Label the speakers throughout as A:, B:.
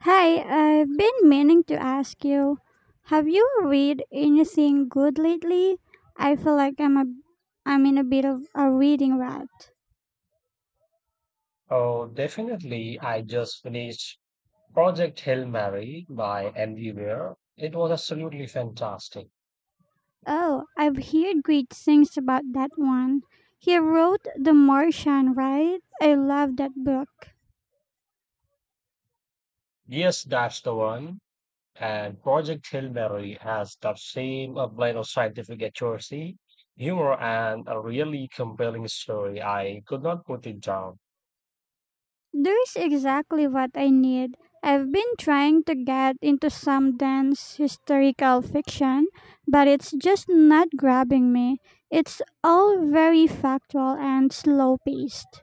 A: Hi, I've been meaning to ask you, have you read anything good lately? I feel like I'm in a bit of a reading rut.
B: Oh, definitely. I just finished Project Hail Mary by Andy Weir. It was absolutely fantastic.
A: Oh, I've heard great things about that one. He wrote The Martian, right? I love that book.
B: Yes, that's the one. And Project Hail Mary has that same blend of scientific accuracy, humor, and a really compelling story. I could not put it down.
A: There's exactly what I need. I've been trying to get into some dense historical fiction, but it's just not grabbing me. It's all very factual and slow paced.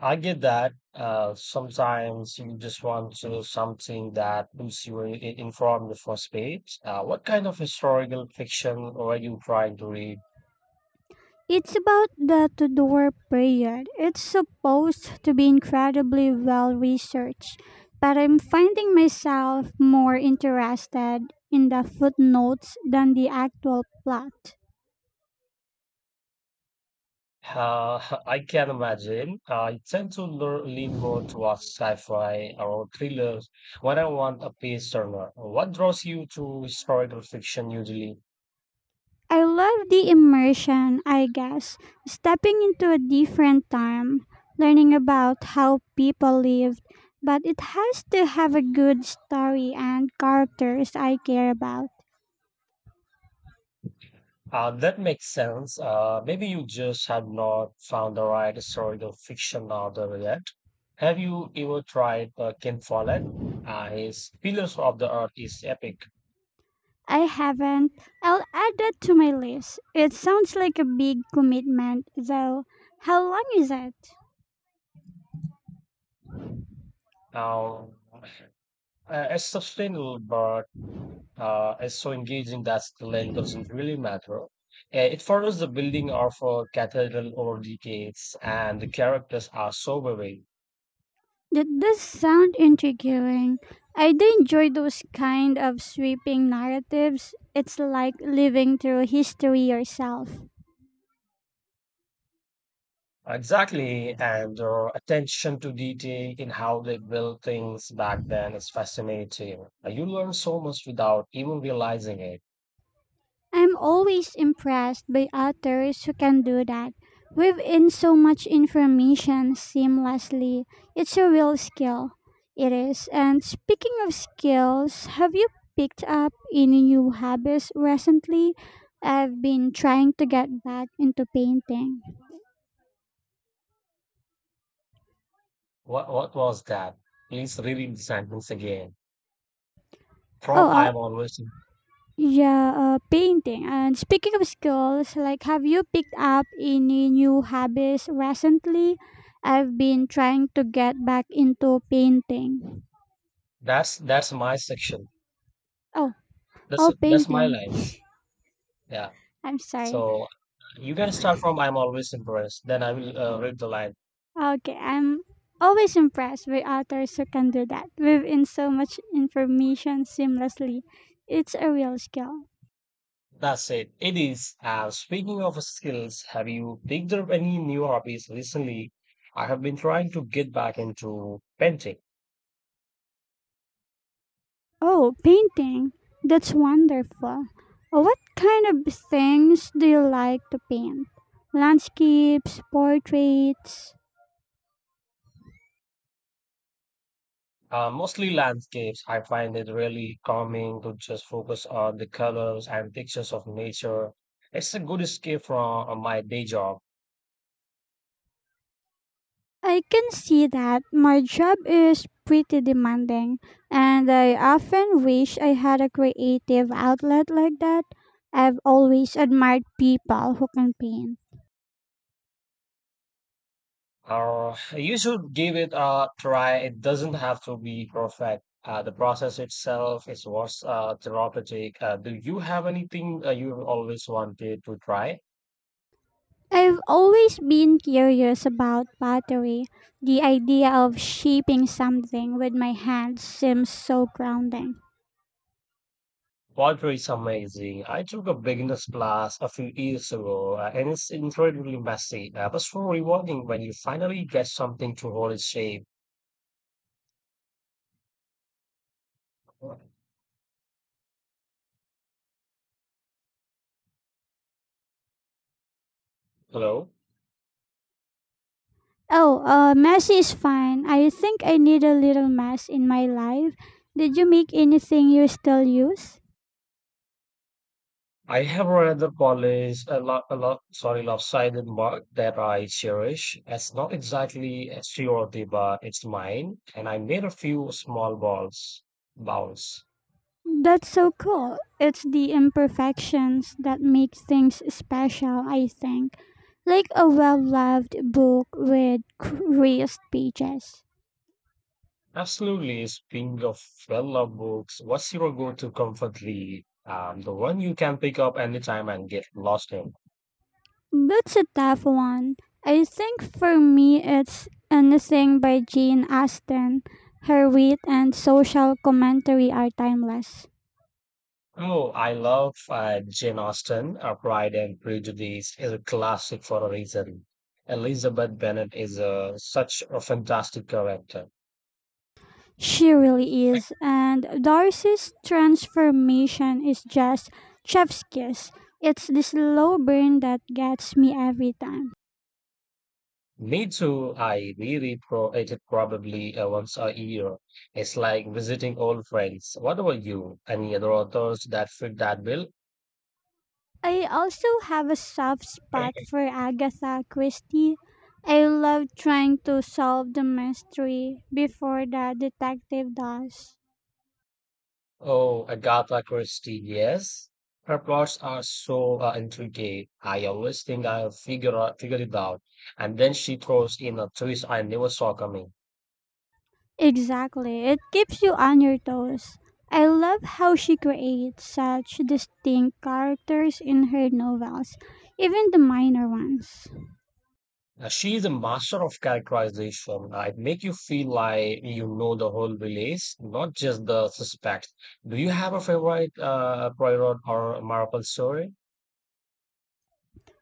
B: I get that sometimes you just want to something that puts you informed for space. What kind of historical fiction were you trying to read?
A: It's about the Tudor period. It's supposed to be incredibly well researched, but I'm finding myself more interested in the footnotes than the actual plot.
B: I can imagine. I tend to lean more towards sci-fi or thrillers when I want a page turner. What draws you to historical fiction usually?
A: I love the immersion, I guess. Stepping into a different time, learning about how people lived, but it has to have a good story and characters I care about.
B: That makes sense. Maybe you just have not found the right historical fiction author yet. Have you ever tried Ken Follett? His Pillars of the Earth is epic.
A: I haven't. I'll add that to my list. It sounds like a big commitment, though. How long is it?
B: Now, it's sustainable, but is so engaging that the length doesn't really matter. It follows the building of a cathedral over decades, and the characters are so vivid.
A: That does sound intriguing. I do enjoy those kind of sweeping narratives. It's like living through history yourself.
B: Exactly, and their attention to detail in how they built things back then is fascinating. You learn so much without even realizing it.
A: I'm always impressed by authors who can do that. Weave in so much information seamlessly. It's a real skill. It is. And speaking of skills, have you picked up any new hobbies recently? I've been trying to get back into painting.
B: What was that? Please reread the sentence again. From I
A: Oh,
B: am always
A: yeah, painting. And speaking of skills, like, have you picked up any new hobbies recently? I've been trying to get back into painting.
B: that's my section.
A: Oh,
B: That's
A: oh,
B: that's my
A: painting.
B: lines. Yeah.
A: I'm sorry.
B: So you can start from I'm always impressed. Then I will read the line.
A: Okay, I'm always impressed with authors who can do that, weave in so much information seamlessly. It's a real skill.
B: That's it. It is. Speaking of skills, have you picked up any new hobbies recently? I have been trying to get back into painting,
A: Oh, painting. That's wonderful. What kind of things do you like to paint? Landscapes, portraits.
B: mostly landscapes. I find it really calming to just focus on the colors and pictures of nature. It's a good escape from my day job.
A: I can see that my job is pretty demanding, and I often wish I had a creative outlet like that. I've always admired people who can paint.
B: You should give it a try. It doesn't have to be perfect. The process itself is what's therapeutic. Do you have anything you've always wanted to try?
A: I've always been curious about pottery. The idea of shaping something with my hands seems so grounding.
B: Pottery is amazing. I took a beginner's class a few years ago, and it's incredibly messy, but so rewarding when you finally get something to hold its shape. Hello?
A: Oh, mess is fine. I think I need a little mess in my life. Did you make anything you still use?
B: I have another college, sorry, lopsided mark that I cherish. It's not exactly a surety, but it's mine, and I made a few small balls, bounce.
A: That's so cool. It's the imperfections that make things special, I think. Like a well loved book with creased pages.
B: Absolutely. Speaking of well-loved books, what's your go-to comfort read? The one you can pick up anytime and get lost in.
A: That's a tough one. I think for me it's anything by Jane Austen. Her wit and social commentary are timeless.
B: Oh, I love Jane Austen. Pride and Prejudice is a classic for a reason. Elizabeth Bennet is a, such a fantastic character.
A: She really is, and Darcy's transformation is just chef's kiss. It's the slow burn that gets me every time.
B: Me too. I reread pro it probably once a year. It's like visiting old friends. What about you? Any other authors that fit that bill?
A: I also have a soft spot for Agatha Christie. I love trying to solve the mystery before the detective does.
B: Oh, Agatha Christie, yes. Her plots are so intricate. I always think I'll figure it out, and then she throws in a twist I never saw coming.
A: Exactly, it keeps you on your toes. I love how she creates such distinct characters in her novels, even the minor ones.
B: She is a master of characterization. It make you feel like you know the whole village, not just the suspects. Do you have a favorite Poirot or Marple story?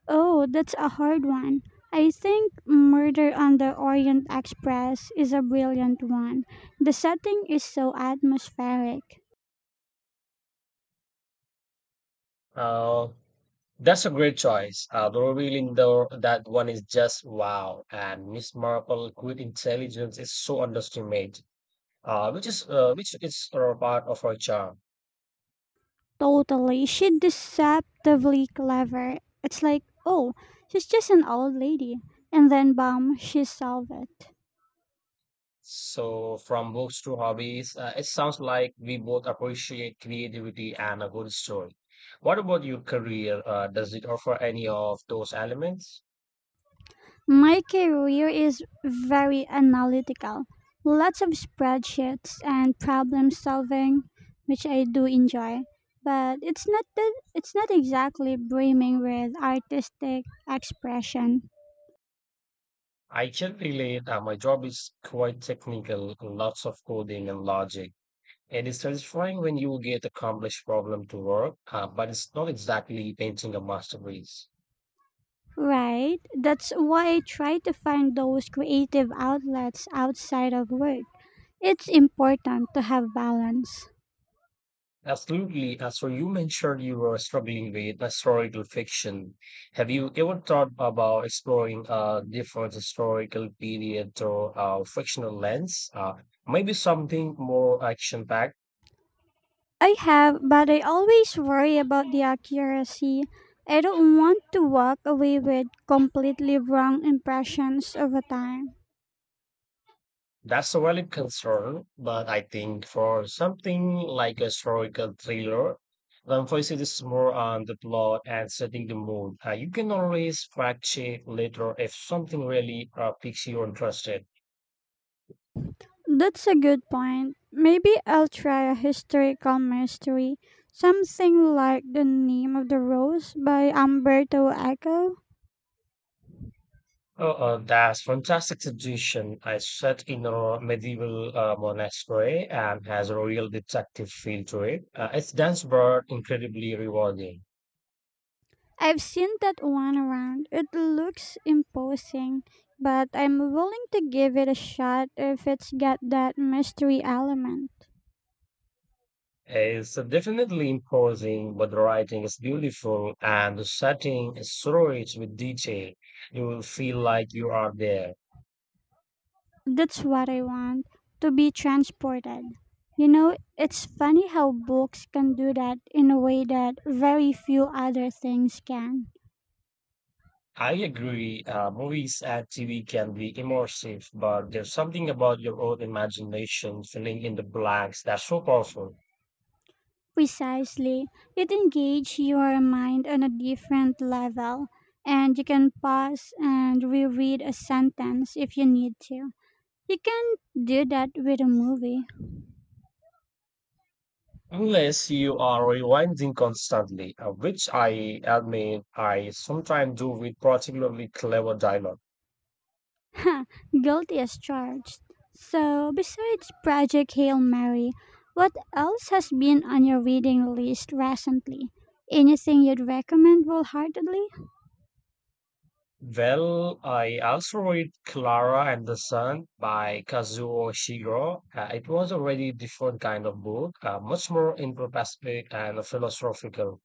A: Oh, that's a hard one. I think Murder on the Orient Express is a brilliant one. The setting is so atmospheric.
B: Uh, that's a great choice. The reveal in the, that one is just wow, and Miss Marple good intelligence is so underestimated, which is part of her charm.
A: Totally. She's deceptively clever. It's like, oh, she's just an old lady. And then, bam, she solved it.
B: So, from books to hobbies, it sounds like we both appreciate creativity and a good story. What about your career? Does it offer any of those elements?
A: My career is very analytical. Lots of spreadsheets and problem solving, which I do enjoy. But it's not that it's not exactly brimming with artistic expression.
B: I can relate. My job is quite technical, lots of coding and logic. It is satisfying when you get a complex problem to work, but it's not exactly painting a masterpiece.
A: Right. That's why I try to find those creative outlets outside of work. It's important to have balance.
B: Absolutely. So you mentioned you were struggling with historical fiction. Have you ever thought about exploring a different historical period or fictional lens? Maybe something more action-packed.
A: I have, but I always worry about the accuracy. I don't want to walk away with completely wrong impressions over time.
B: That's a valid concern, but I think for something like a historical thriller, the emphasis is more on the plot and setting the mood. You can always fact check later if something really piques your interest.
A: That's a good point. Maybe I'll try a historical mystery, something like The Name of the Rose by Umberto Eco.
B: Oh, that's fantastic suggestion. I set in a medieval monastery and has a real detective feel to it. It's dense but incredibly rewarding.
A: I've seen that one around. It looks imposing, but I'm willing to give it a shot if it's got that mystery element.
B: It's definitely imposing, but the writing is beautiful and the setting is so rich with detail. You will feel like you are there.
A: That's what I want to be transported. You know, it's funny how books can do that in a way that very few other things can.
B: I agree. Movies and TV can be immersive, but there's something about your own imagination filling in the blanks that's so powerful.
A: Precisely, it engages your mind on a different level, and you can pause and reread a sentence if you need to. You can do that with a movie.
B: Unless you are rewinding constantly, which I admit I sometimes do with particularly clever dialogue.
A: Guilty as charged. So, besides Project Hail Mary, what else has been on your reading list recently? Anything you'd recommend wholeheartedly?
B: Well, I also read Clara and the Sun by Kazuo Ishiguro. It was a really different kind of book, much more introspective and philosophical.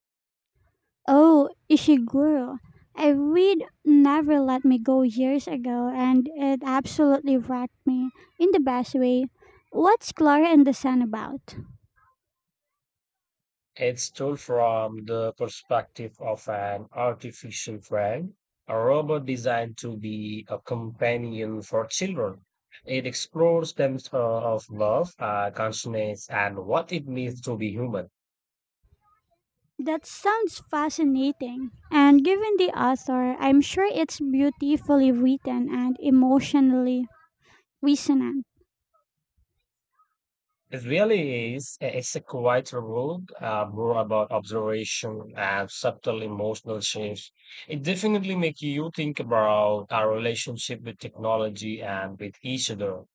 A: Oh, Ishiguro. I read Never Let Me Go years ago and it absolutely wrecked me in the best way. What's Clara and the Sun about?
B: It's told from the perspective of an artificial friend, a robot designed to be a companion for children. It explores themes of love, consciousness, and what it means to be human.
A: That sounds fascinating. And given the author, I'm sure it's beautifully written and emotionally Reason.
B: It really is it's a quite a book, more about observation and subtle emotional shifts. It definitely makes you think about our relationship with technology and with each other.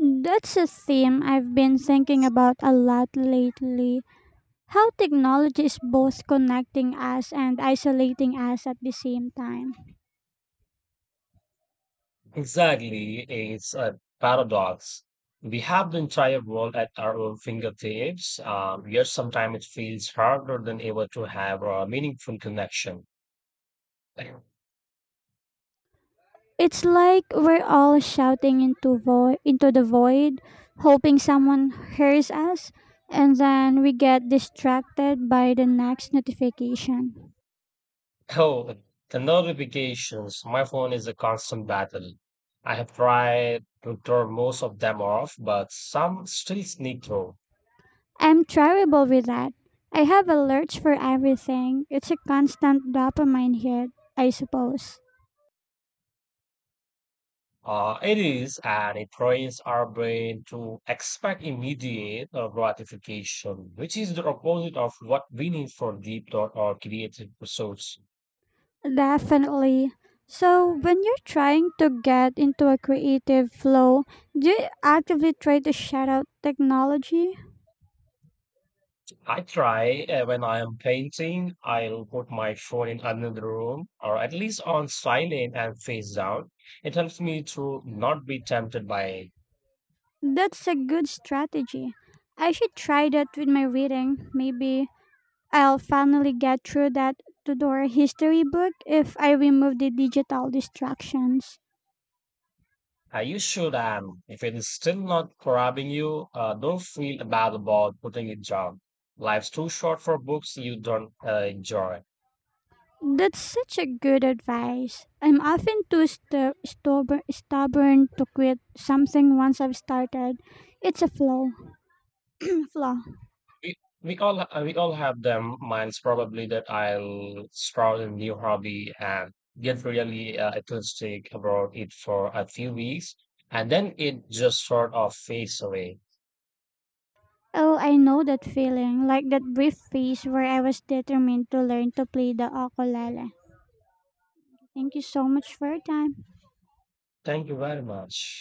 A: That's a theme I've been thinking about a lot lately. How technology is both connecting us and isolating us at the same time.
B: Exactly. It's a paradox. We have the entire world at our own fingertips, yet sometimes it feels harder than ever to have a meaningful connection.
A: It's like we're all shouting into the void, hoping someone hears us, and then we get distracted by the next notification.
B: Oh, the notifications. My phone is a constant battle. I have tried to turn most of them off, but some still sneak through.
A: I'm terrible with that. I have alerts for everything. It's a constant dopamine hit, I suppose.
B: It is, and it trains our brain to expect immediate gratification, which is the opposite of what we need for deep thought or creative pursuits.
A: Definitely. So, when you're trying to get into a creative flow, do you actively try to shut out technology?
B: I try when I am painting, I'll put my phone in another room or at least on silent and face down. It helps me to not be tempted by it.
A: That's a good strategy. I should try that with my reading. Maybe I'll finally get through that Tudor history book if I remove the digital distractions.
B: You should, and if it is still not grabbing you, don't feel bad about putting it down. Life's too short for books you don't enjoy.
A: That's such a good advice. I'm often too stubborn to quit something once I've started. It's a flow. Flaw.
B: We we all have them. Mine's probably that I'll start a new hobby and get really enthusiastic about it for a few weeks, and then it just sort of fades away.
A: Oh, I know that feeling, like that brief phase where I was determined to learn to play the ukulele. Thank you so much for your time.
B: Thank you very much.